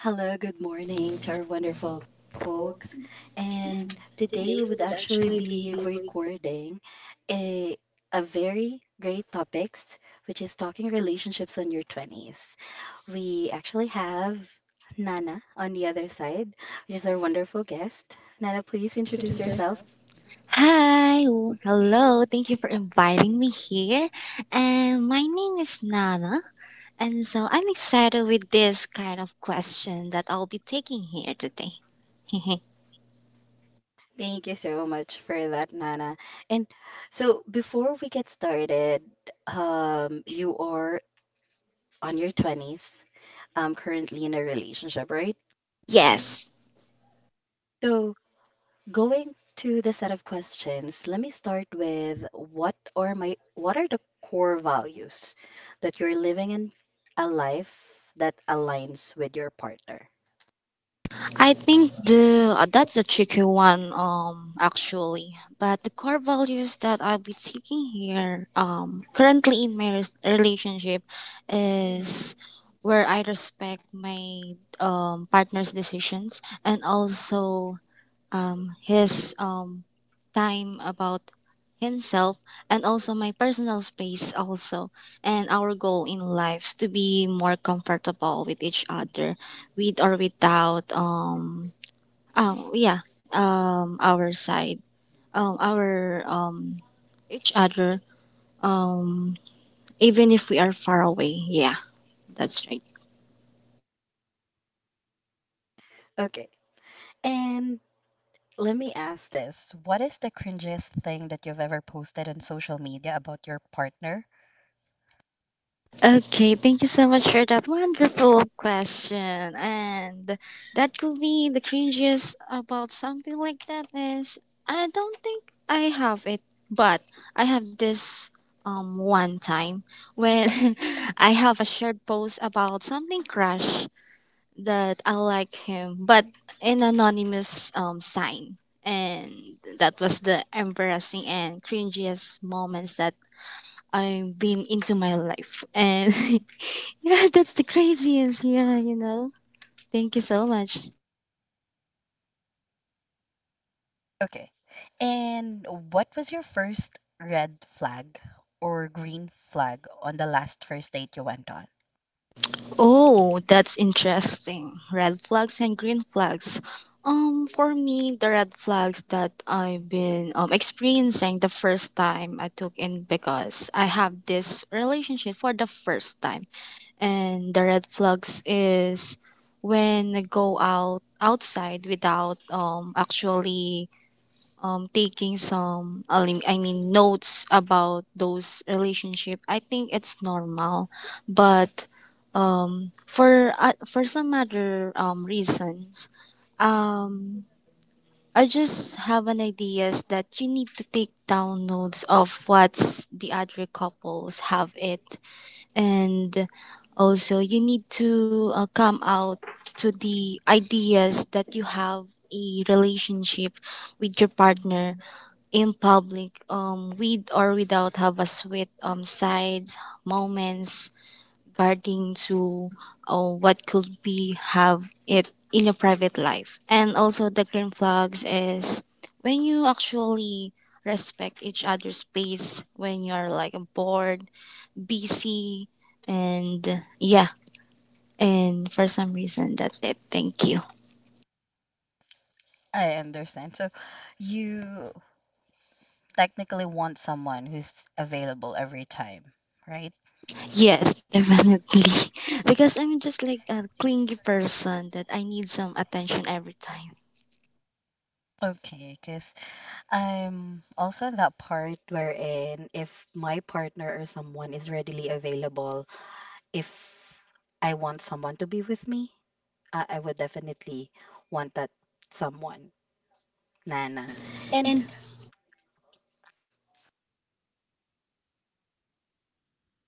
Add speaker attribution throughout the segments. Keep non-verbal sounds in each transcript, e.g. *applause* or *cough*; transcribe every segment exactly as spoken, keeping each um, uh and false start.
Speaker 1: Hello, good morning to
Speaker 2: Our
Speaker 1: our wonderful
Speaker 2: wonderful folks.
Speaker 1: folks. And
Speaker 2: Today
Speaker 1: today we
Speaker 2: we
Speaker 1: would
Speaker 2: would
Speaker 1: actually
Speaker 2: actually be...
Speaker 1: be recording a a very great topics, which is talking relationships on your twenties. We actually have Nana on the other side, which is our wonderful guest. Nana, please introduce yourself.
Speaker 2: Hi, w- hello. Thank you for inviting me here. And my name is Nana. And so I'm excited with this kind of question that I'll be taking here today. *laughs*
Speaker 1: Thank you so much for that, Nana. And so before we get started, um, you are on your twenties, um, currently in a relationship, right?
Speaker 2: Yes.
Speaker 1: So, going to the set of questions, let me start with what are my what are the core values that you're living in a life that aligns with your partner?
Speaker 2: I think the uh, that's a tricky one, um actually, but the core values that I'll be taking here um currently in my res- relationship is where I respect my um partner's decisions, and also um, his, um, time about himself, and also my personal space also, and our goal in life to be more comfortable with each other with or without, um oh yeah, um our side, um our um each other, um even if we are far away. Yeah, that's right.
Speaker 1: Okay. And let me ask this. What is the cringiest thing that you've ever posted on social media about your partner?
Speaker 2: Okay, thank you so much for that wonderful question. And that could be the cringiest about something like that is... I don't think I have it, but I have this, um one time, when *laughs* I have a shared post about something crush that I like him, but in anonymous um sign. And that was the embarrassing and cringiest moments that I've been into my life. And *laughs* yeah, *laughs* that's the craziest. Yeah, you know. Thank you so much.
Speaker 1: Okay. And what was your first red flag or green flag on the last first date you went on?
Speaker 2: Oh, that's interesting. Red flags and green flags. Um, for me, the red flags that I've been, um, experiencing the first time I took in, because I have this relationship for the first time, and the red flags is when I go out outside without um actually, um, taking some elim- I mean notes about those relationship, I think it's normal. But um, for uh, for some other, um, reasons, um, I just have an ideas that you need to take down notes of what the other couples have it, and also you need to, uh, come out to the ideas that you have a relationship with your partner in public, um, with or without, have a sweet, um, sides moments regarding to, uh, what could be have it in your private life. And also the green flags is when you actually respect each other's space when you're like bored, busy, and yeah. And for some reason, that's it. Thank you.
Speaker 1: I understand. So you technically want someone who's available every time, right?
Speaker 2: Yes, definitely. *laughs* Because I'm just like a clingy person that I need some attention every time.
Speaker 1: Okay, because I'm also in that part wherein if my partner or someone is readily available, if I want someone to be with me, uh, I would definitely want that someone, Nana. And
Speaker 2: And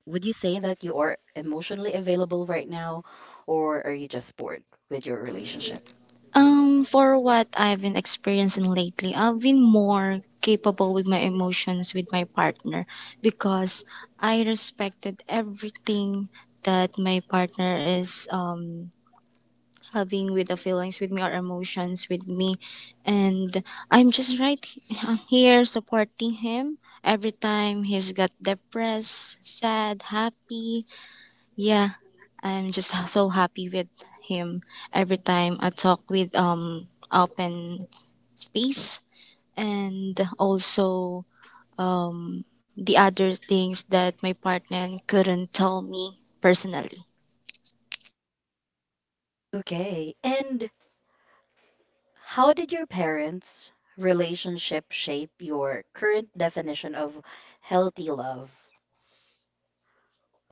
Speaker 1: would you say that you are emotionally available right now, or are you just bored with your relationship?
Speaker 2: um for what I've been experiencing lately, I've been more capable with my emotions with my partner, because I respected everything that my partner is um having, with the feelings with me or emotions with me, and I'm just right he- I'm here supporting him every time he's got depressed, sad, happy. Yeah, i'm just ha- so happy with him every time I talk with um open space, and also um the other things that my partner couldn't tell me personally.
Speaker 1: Okay. And how did your parents' relationship shape your current definition of healthy love?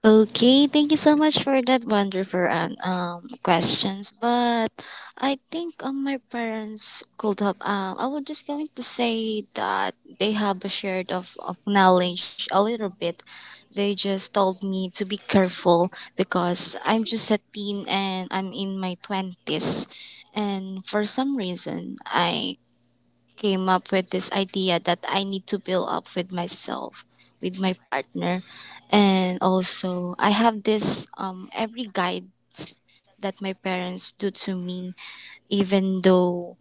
Speaker 2: Okay, thank you so much for that wonderful, um, um questions. But I think um my parents could have, um I was just going to say that they have a shared of, of knowledge a little bit. They just told me to be careful because I'm just a teen and I'm in my twenties, and for some reason I came up with this idea that I need to build up with myself, with my partner, and also I have this, um every guides that my parents do to me, even though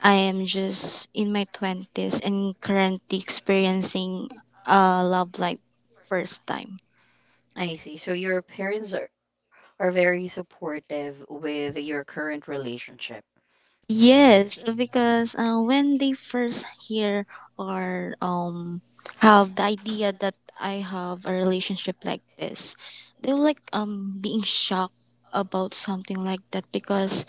Speaker 2: I am just in my twenties and currently experiencing a love life first time.
Speaker 1: I see. So your parents are, are very supportive with your current relationship.
Speaker 2: Yes, because, uh, when they first hear, or um have the idea that I have a relationship like this, they were like, um being shocked about something like that, because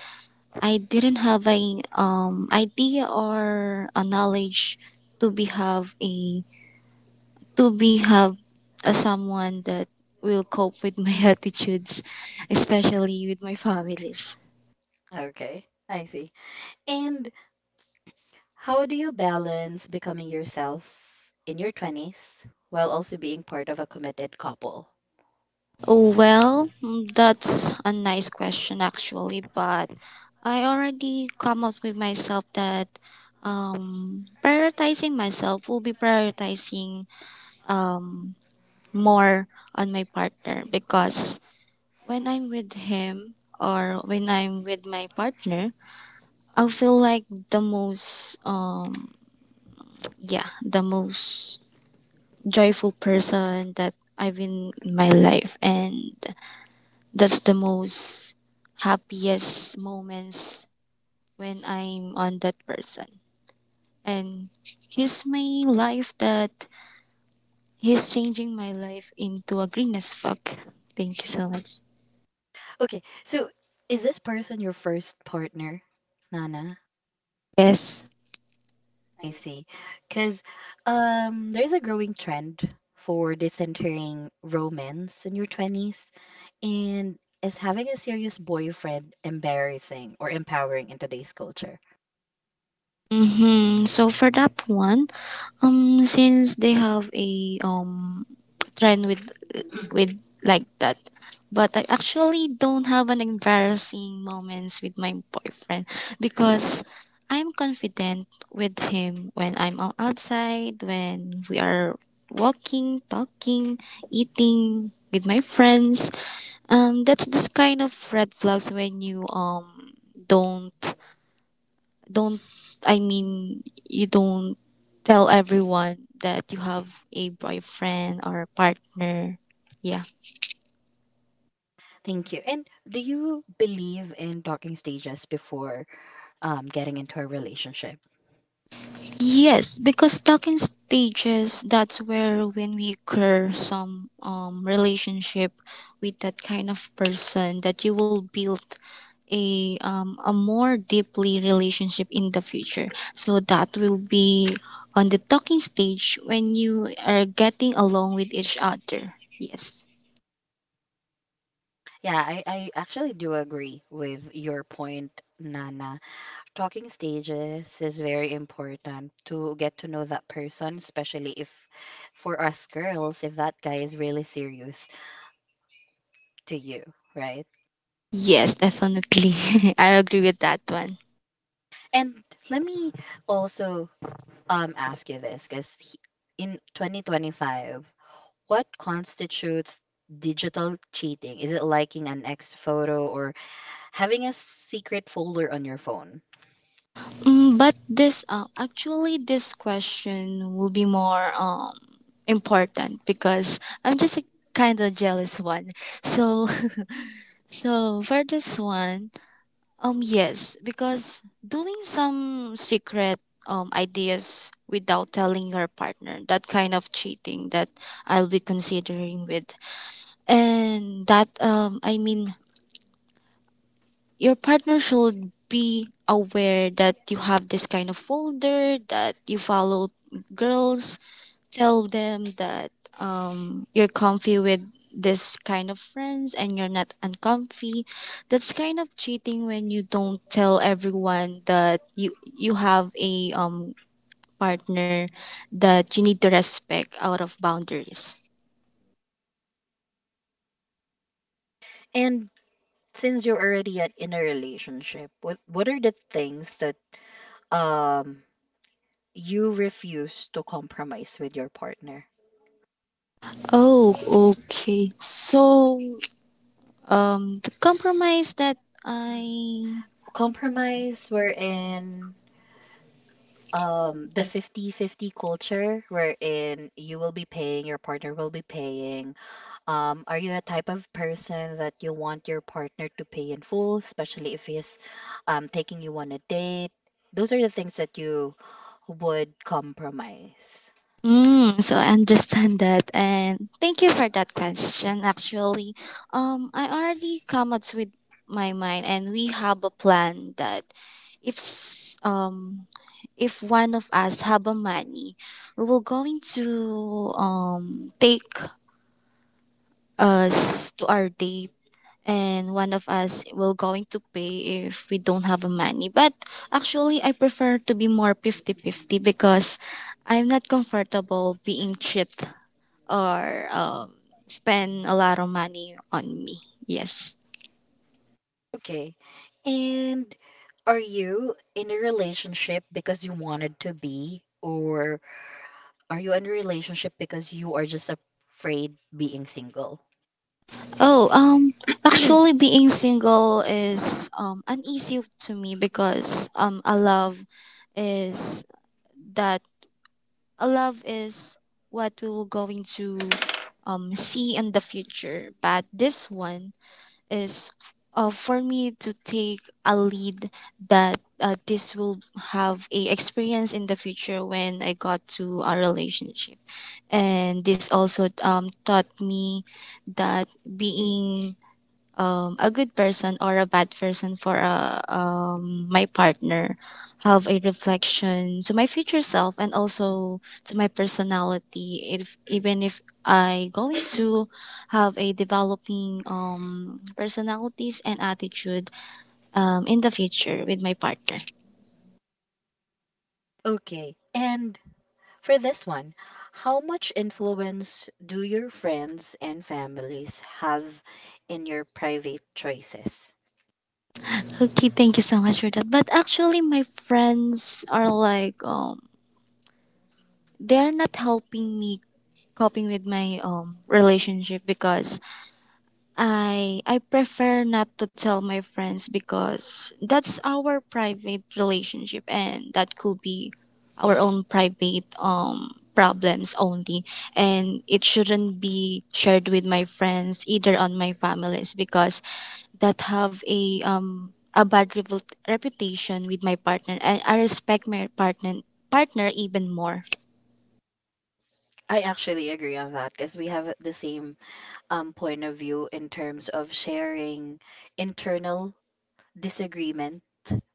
Speaker 2: I didn't have a, um idea or a knowledge to be have a, to be have a someone that will cope with my *laughs* attitudes, especially with my families.
Speaker 1: Okay, I see. And how do you balance becoming yourself in your twenties while also being part of a committed couple?
Speaker 2: Well, mm, that's a nice question actually, but I already come up with myself that, um, prioritizing myself will be prioritizing, um, more on my partner, because when I'm with him or when I'm with my partner, I feel like the most, um, yeah the most joyful person that I've been in my life. And that's the most happiest moments when I'm on that person. And he's my life, that he's changing my life into a green as fuck. Thank you so much.
Speaker 1: Okay, so is this person your first partner, Nana?
Speaker 2: Yes.
Speaker 1: I see. Because um, there's a growing trend for decentering romance in your twenties. And is having a serious boyfriend embarrassing or empowering in today's culture?
Speaker 2: Mm-hmm. So for that one, um, since they have a, um trend with, with like that, but I actually don't have an embarrassing moments with my boyfriend, because I'm confident with him when I'm o- outside, when we are walking, talking, eating with my friends. Um, that's this kind of red flags when you, um don't don't I mean, you don't tell everyone that you have a boyfriend or a partner. Yeah.
Speaker 1: Thank you. And do you believe in talking stages before um, getting into a relationship?
Speaker 2: Yes, because talking stages, that's where when we occur some, um relationship with that kind of person, that you will build a, um a more deeply relationship in the future. So that will be on the talking stage when you are getting along with each other. Yes.
Speaker 1: Yeah, I, I actually do agree with your point, Nana. Talking stages is very important to get to know that person, especially if for us girls, if that guy is really serious to you, right?
Speaker 2: Yes, definitely. *laughs* I agree with that one.
Speaker 1: And let me also um ask you this, because in twenty twenty-five, what constitutes digital cheating? Is it liking an ex photo or having a secret folder on your phone?
Speaker 2: Mm, but this, uh, actually, this question will be more, um important, because I'm just a kind of jealous one. So, *laughs* so for this one, um, yes, because doing some secret, um ideas without telling your partner, that kind of cheating that I'll be considering with. And that, um I mean, your partner should be aware that you have this kind of folder, that you follow girls, tell them that, um, you're comfy with this kind of friends, and you're not uncomfy. That's kind of cheating when you don't tell everyone that you you have a, um partner, that you need to respect out of boundaries.
Speaker 1: And since you're already at, in a relationship, what what are the things that um you refuse to compromise with your partner.
Speaker 2: Oh, okay, so, um the compromise that I...
Speaker 1: Compromise wherein um the fifty fifty culture wherein you will be paying, your partner will be paying. Um, are you a type of person that you want your partner to pay in full, especially if he's um taking you on a date? Those are the things that you would compromise.
Speaker 2: Mm, so I understand that, and thank you for that question. Actually, um, I already come up with my mind, and we have a plan that if s- um if one of us have a money, we will going to um take us to our date, and one of us will going to pay if we don't have a money. But actually, I prefer to be more fifty-fifty because I'm not comfortable being cheat, or, um, spend a lot of money on me. Yes.
Speaker 1: Okay. And are you in a relationship because you wanted to be, or are you in a relationship because you are just afraid being single?
Speaker 2: Oh, um, actually, being single is um uneasy to me, because um a love is that... A love is what we will going to um see in the future, but this one is, uh, for me to take a lead, that, uh, this will have a experience in the future when I got to a relationship, and this also, um, taught me that being, um, a good person or a bad person for a, um, my partner, have a reflection to my future self, and also to my personality, if even if I going to have a developing, um, personalities and attitude, um, in the future with my partner.
Speaker 1: Okay. And for this one, how much influence do your friends and families have in your private choices?
Speaker 2: Okay, thank you so much for that, but actually my friends are like, um, they're not helping me coping with my, um relationship, because I I prefer not to tell my friends, because that's our private relationship, and that could be our own private, um problems only, and it shouldn't be shared with my friends either on my families, because that have a, um a bad repu- reputation with my partner, and I respect my partner partner even more.
Speaker 1: I actually agree on that because we have the same um, point of view in terms of sharing internal disagreement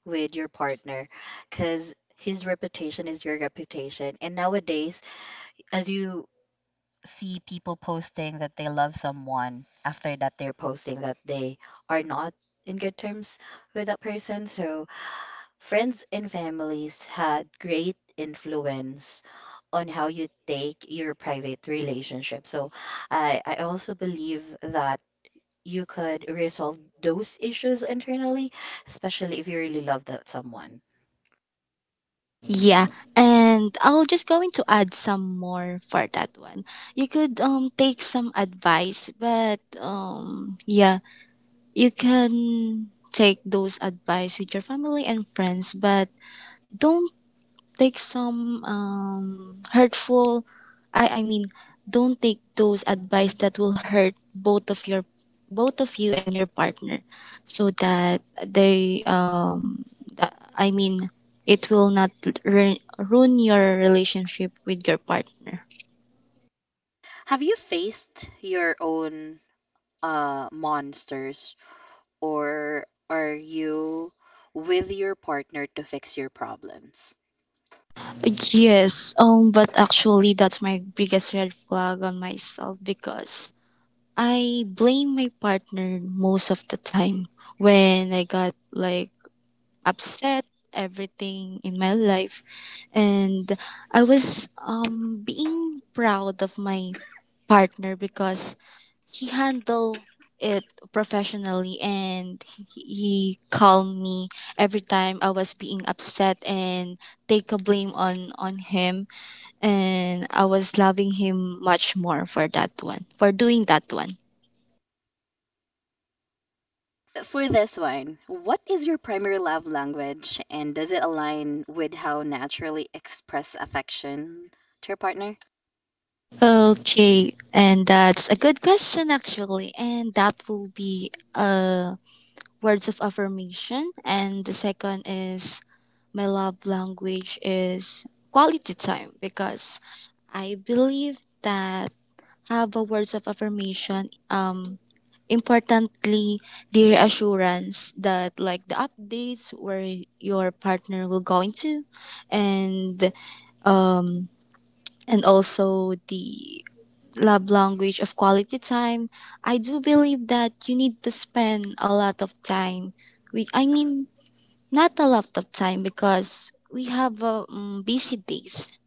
Speaker 1: with your partner because his reputation is your reputation. And nowadays, as you see people posting that they love someone, after that, they're posting that they are not in good terms with that person. So, friends and families had great influence on how you take your private relationship. So I I also believe that you could resolve those issues internally, especially if you really love that someone.
Speaker 2: Yeah, and I'll just going to add some more for that one. You could um take some advice, but um yeah, you can take those advice with your family and friends, but don't take some, um, hurtful, I, I mean, don't take those advice that will hurt both of your both of you and your partner, so that they, um that, I mean, it will not ru- ruin your relationship with your partner.
Speaker 1: Have you faced your own uh, monsters, or are you with your partner to fix your problems?
Speaker 2: Yes, um but actually that's my biggest red flag on myself, because I blame my partner most of the time when I got like upset everything in my life. And I was, um being proud of my partner, because he handled it professionally, and he calmed me every time I was being upset and take a blame on on him. And I was loving him much more for that one, for doing that one.
Speaker 1: For this one, what is your primary love language and does it align with how naturally express affection to your partner?
Speaker 2: Okay, and that's a good question actually, and that will be a... Words of affirmation. And the second is, my love language is quality time, because I believe that have a words of affirmation, um importantly, the reassurance that, like the updates where your partner will go into. And, um and also the love language of quality time, I do believe that you need to spend a lot of time with, I mean, not a lot of time, because we have, uh, um, busy days.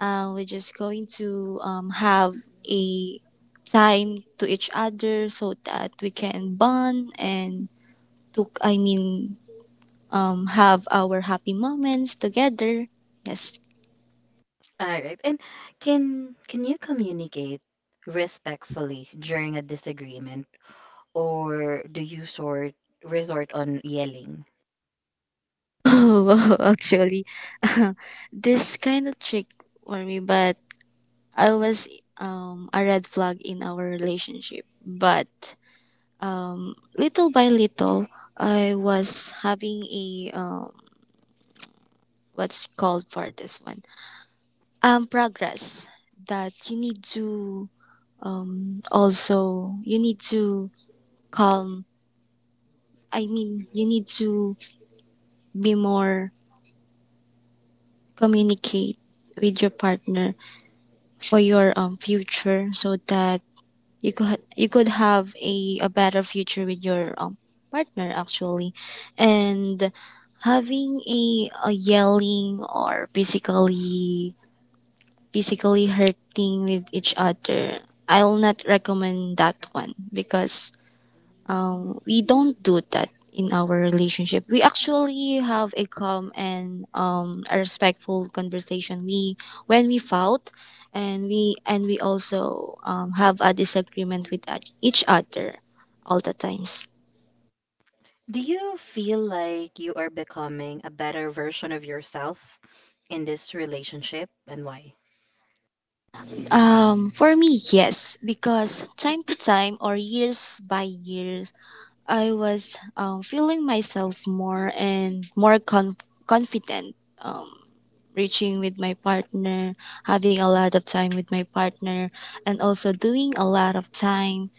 Speaker 2: Uh, we're just going to, um, have a time to each other, so that we can bond, and to, I mean, um, have our happy moments together. Yes. *laughs*
Speaker 1: All right. And can can you communicate respectfully during a disagreement or do you sort resort on yelling?
Speaker 2: Oh, actually, *laughs* this kind of trick for me, but I was um, a red flag in our relationship. But um, little by little, I was having a um, what's called for this one um progress that you need to um also you need to calm. I mean, you need to be more communicate with your partner for your um future so that you could you could have a, a better future with your um, partner actually and having a, a yelling or physically physically hurting with each other. I will not recommend that one because um, we don't do that in our relationship. We actually have a calm and um, a respectful conversation. We when we fought, and we and we also um, have a disagreement with each each other all the times.
Speaker 1: Do you feel like you are becoming a better version of yourself in this relationship and why?
Speaker 2: Um, for me, yes, because time to time or years by years, I was um, feeling myself more and more conf- confident. Um, Reaching with my partner, having a lot of time with my partner, and also doing a lot of time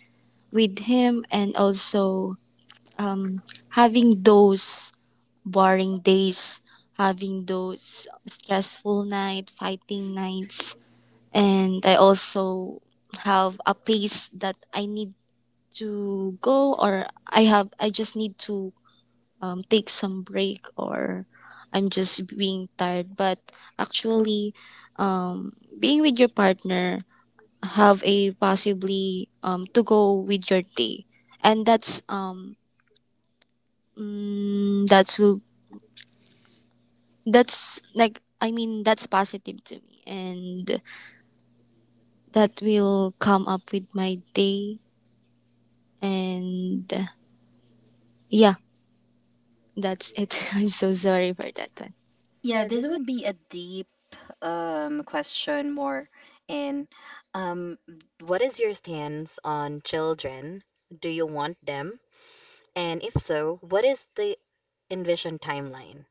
Speaker 2: with him, and also um, having those boring days, having those stressful night, fighting nights, and I also have a pace that I need to go, or I have I just need to um, take some break, or I'm just being tired but actually um, being with your partner have a possibly um, to go with your day, and that's um mm, that's will that's like I mean that's positive to me, and that will come up with my day and. Yeah, that's it. *laughs* I'm so sorry for that one.
Speaker 1: Yeah, this would be a deep um, question more. In, um, what is your stance on children? Do you want them? And if so, what is the envisioned timeline?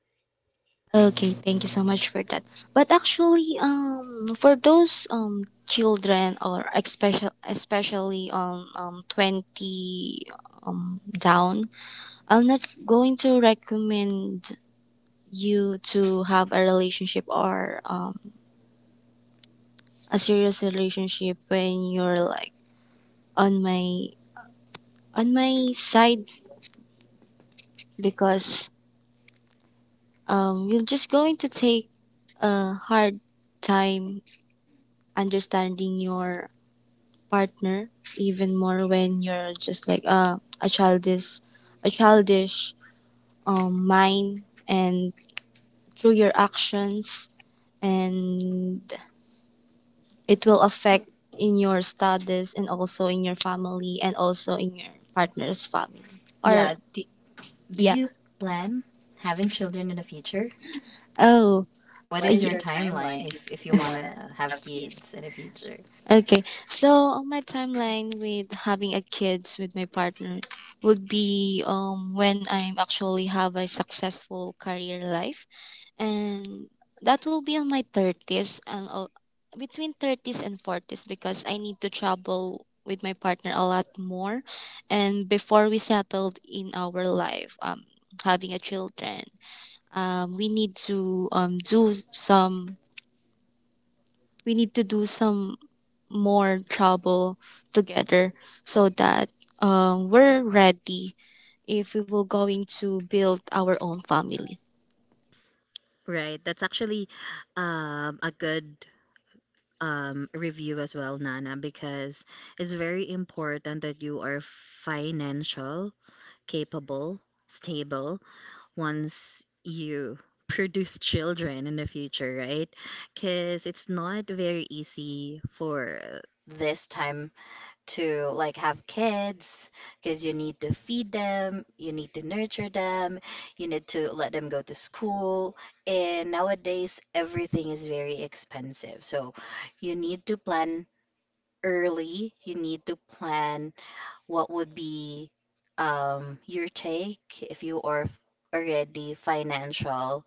Speaker 2: Okay, thank you so much for that. But actually, um, for those um children, or especially especially um um twenty um down, I'm not going to recommend you to have a relationship, or um a serious relationship when you're like on my on my side, because um you're just going to take a hard time understanding your partner even more when you're just like a a childish a childish um, mind, and through your actions, and it will affect in your studies, and also in your family, and also in your partner's family or
Speaker 1: Yeah, do, do
Speaker 2: yeah do
Speaker 1: you plan having children in the future?
Speaker 2: oh uh,
Speaker 1: What is your timeline if if you want to
Speaker 2: *laughs*
Speaker 1: have kids in the future?
Speaker 2: Okay, so on my timeline with having a kids with my partner would be um when I'm actually have a successful career life, and that will be on my thirties, and uh, between thirties and forties, because I need to travel with my partner a lot more, and before we settled in our life, um having a children, um we need to um do some we need to do some more trouble together, so that uh, we're ready if we will going to build our own family.
Speaker 1: Right, that's actually um, a good um, review as well, Nana, because it's very important that you are financial, capable, stable once you *laughs* produce children in the future, right? Because it's not very easy for this time to like have kids because you need to feed them, you need to nurture them, you need to let them go to school. And nowadays, everything is very expensive. So you need to plan early, you need to plan what would be um, your take if you are already financial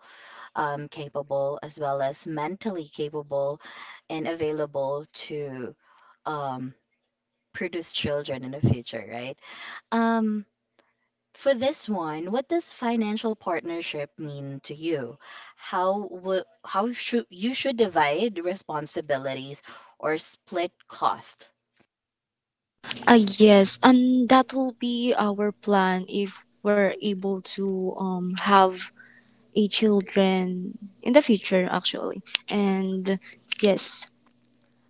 Speaker 1: um, capable as well as mentally capable and available to um, produce children in the future, right? Um, for this one, what does financial partnership mean to you? How would how should you should divide responsibilities or split cost?
Speaker 2: Uh, yes, and that will be our plan if we're able to um, have a children in the future actually. And yes,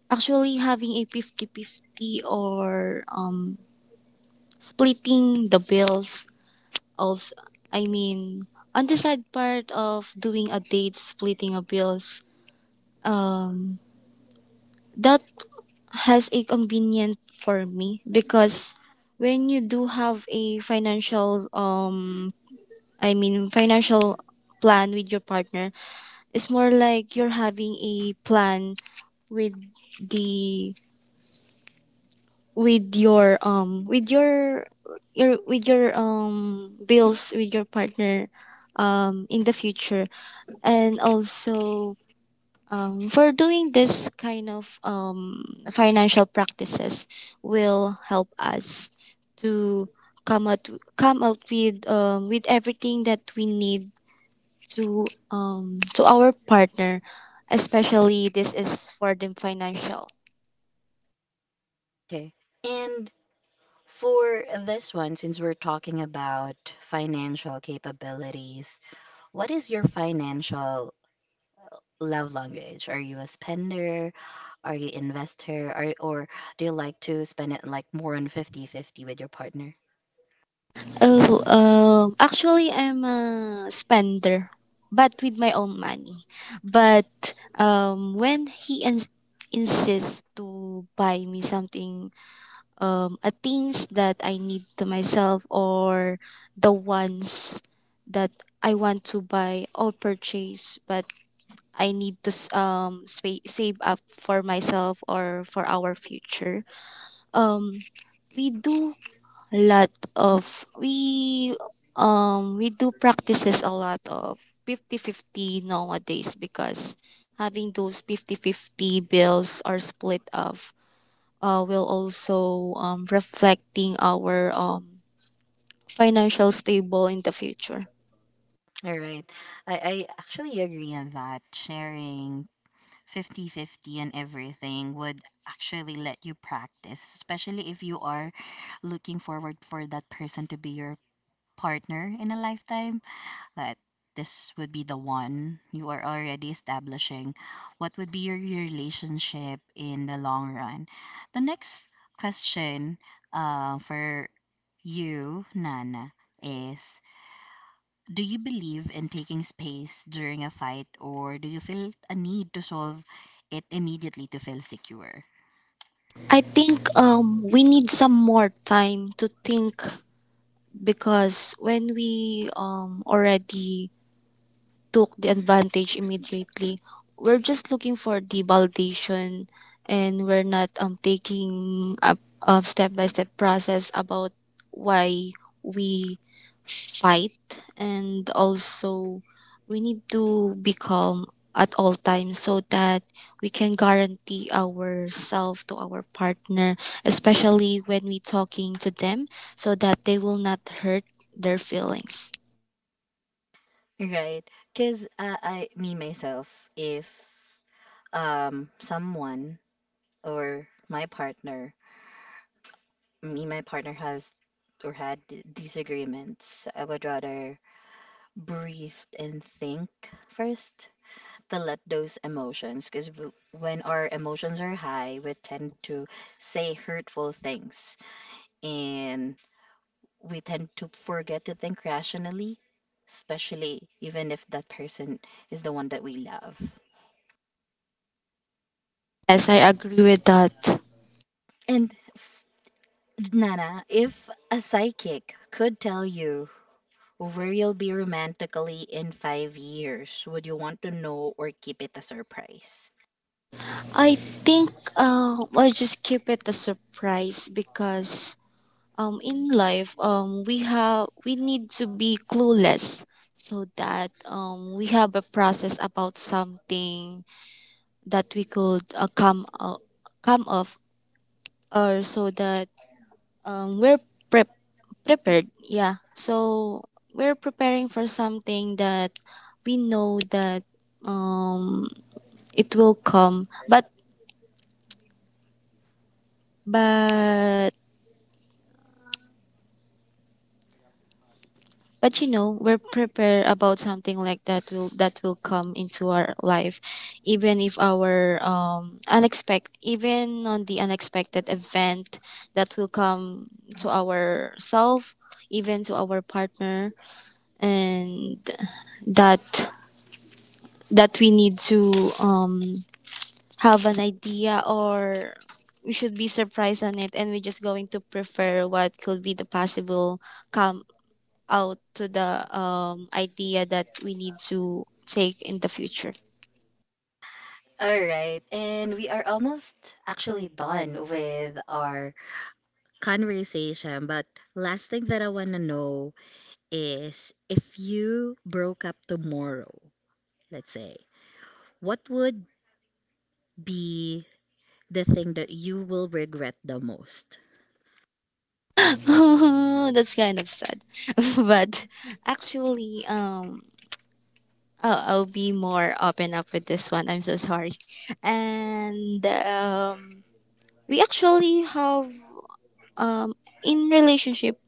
Speaker 2: actually having a fifty-fifty, or um, splitting the bills. Also, I mean, on the side part of doing a date, splitting of bills, um, that has a convenient for me, because when you do have a financial, um, I mean, financial plan with your partner, it's more like you're having a plan with the with your um with your your with your um bills with your partner um in the future, and also um, for doing this kind of um, financial practices will help us to come out come out with um, with everything that we need to um, to our partner, especially this is for the financial.
Speaker 1: Okay. And for this one, since we're talking about financial capabilities, what is your financial love language? Are you a spender? Are you investor? Are, or do you like to spend it like more on fifty-fifty with your partner?
Speaker 2: Oh um, actually I'm a spender, but with my own money, but um, when he ins- insists to buy me something, um, a things that I need to myself, or the ones that I want to buy or purchase, but I need to s- um, spa- save up for myself or for our future. Um, we do a lot of we um we do practices a lot of fifty fifty nowadays, because having those fifty fifty bills are split up, uh, will also um, reflecting our um, financial stable in the future.
Speaker 1: All right. I, I actually agree on that. Sharing fifty fifty and everything would actually let you practice, especially if you are looking forward for that person to be your partner in a lifetime. That this would be the one you are already establishing. What would be your relationship in the long run? The next question uh, for you, Nana, is do you believe in taking space during a fight, or do you feel a need to solve it immediately to feel secure?
Speaker 2: I think um, we need some more time to think, because when we um, already took the advantage immediately. We're just looking for the validation, and we're not um, taking a, a step-by-step process about why we fight, and also we need to be calm at all times, so that we can guarantee ourselves to our partner, especially when we talking to them, so that they will not hurt their feelings.
Speaker 1: Right? Because uh, I, me myself, if um someone or my partner, me my partner has or had d- disagreements, I would rather breathe and think first to let those emotions, because when our emotions are high, we tend to say hurtful things and we tend to forget to think rationally, especially even if that person is the one that we love.
Speaker 2: Yes, I agree with that.
Speaker 1: And f- Nana, if a psychic could tell you where you'll be romantically in five years, would you want to know or keep it a surprise?
Speaker 2: I think um, I'll just keep it a surprise, because um, in life um, we have we need to be clueless, so that um, we have a process about something that we could uh, come uh, come of, or so that um, we're prep prepared. Yeah, so we're preparing for something that we know that um, it will come, but but but you know, we're prepared about something like that will that will come into our life, even if our um unexpected, even on the unexpected event that will come to ourself, even to our partner, and that that we need to um have an idea, or we should be surprised on it, and we're just going to prefer what could be the possible come out to the um, idea that we need to take in the future.
Speaker 1: All right, and we are almost actually done with our conversation, but last thing that I want to know is if you broke up tomorrow, let's say, what would be the thing that you will regret the most?
Speaker 2: *laughs* That's kind of sad. *laughs* But actually, um, oh, I'll be more open up with this one. I'm so sorry. And um, we actually have um, in relationship,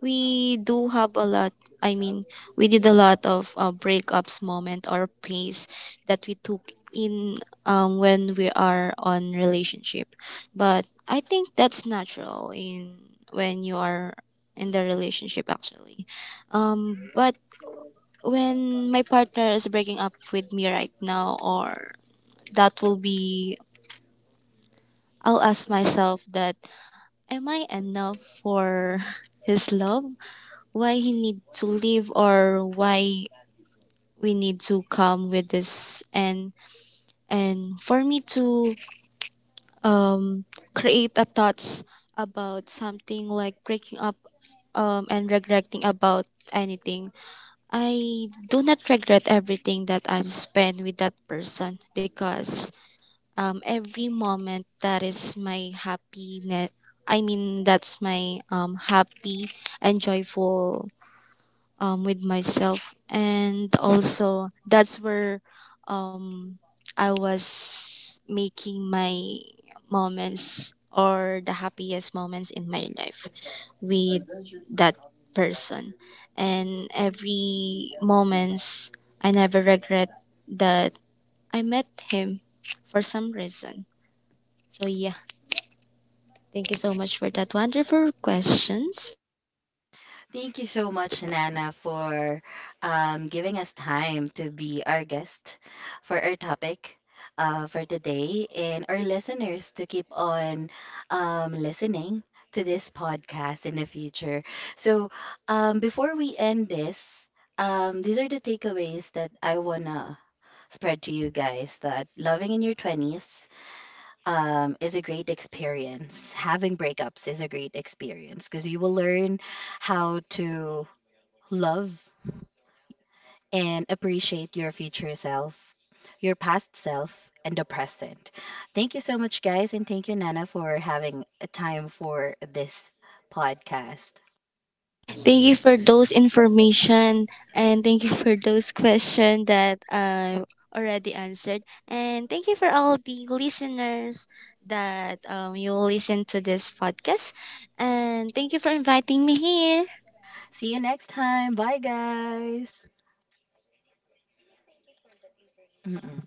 Speaker 2: we do have a lot. I mean, we did a lot of uh, breakups moment or pace that we took in, um, when we are on relationship. But I think that's natural in when you are in the relationship actually. Um, but when my partner is breaking up with me right now, or that will be, I'll ask myself that, am I enough for *laughs* his love? Why he need to leave, or why we need to come with this, and and for me to um create a thoughts about something like breaking up um and regretting about anything. I do not regret everything that I've spent with that person, because um every moment that is my happiness, I mean that's my um happy and joyful um, with myself, and also that's where um, I was making my moments, or the happiest moments in my life with that person, and every moments I never regret that I met him for some reason. So yeah, thank you so much for that wonderful questions.
Speaker 1: Thank you so much, Nana, for um, giving us time to be our guest for our topic uh, for today, and our listeners to keep on um, listening to this podcast in the future. So, um, before we end this, um, these are the takeaways that I wanna spread to you guys that loving in your twenties um, is a great experience. Having breakups is a great experience because you will learn how to love and appreciate your future self, your past self, and the present. Thank you so much, guys, and thank you, Nana, for having a time for this podcast.
Speaker 2: Thank you for those information, and thank you for those questions that I already answered. And thank you for all the listeners that um, you will listen to this podcast. And thank you for inviting me here.
Speaker 1: See you next time. Bye, guys. Mm-mm.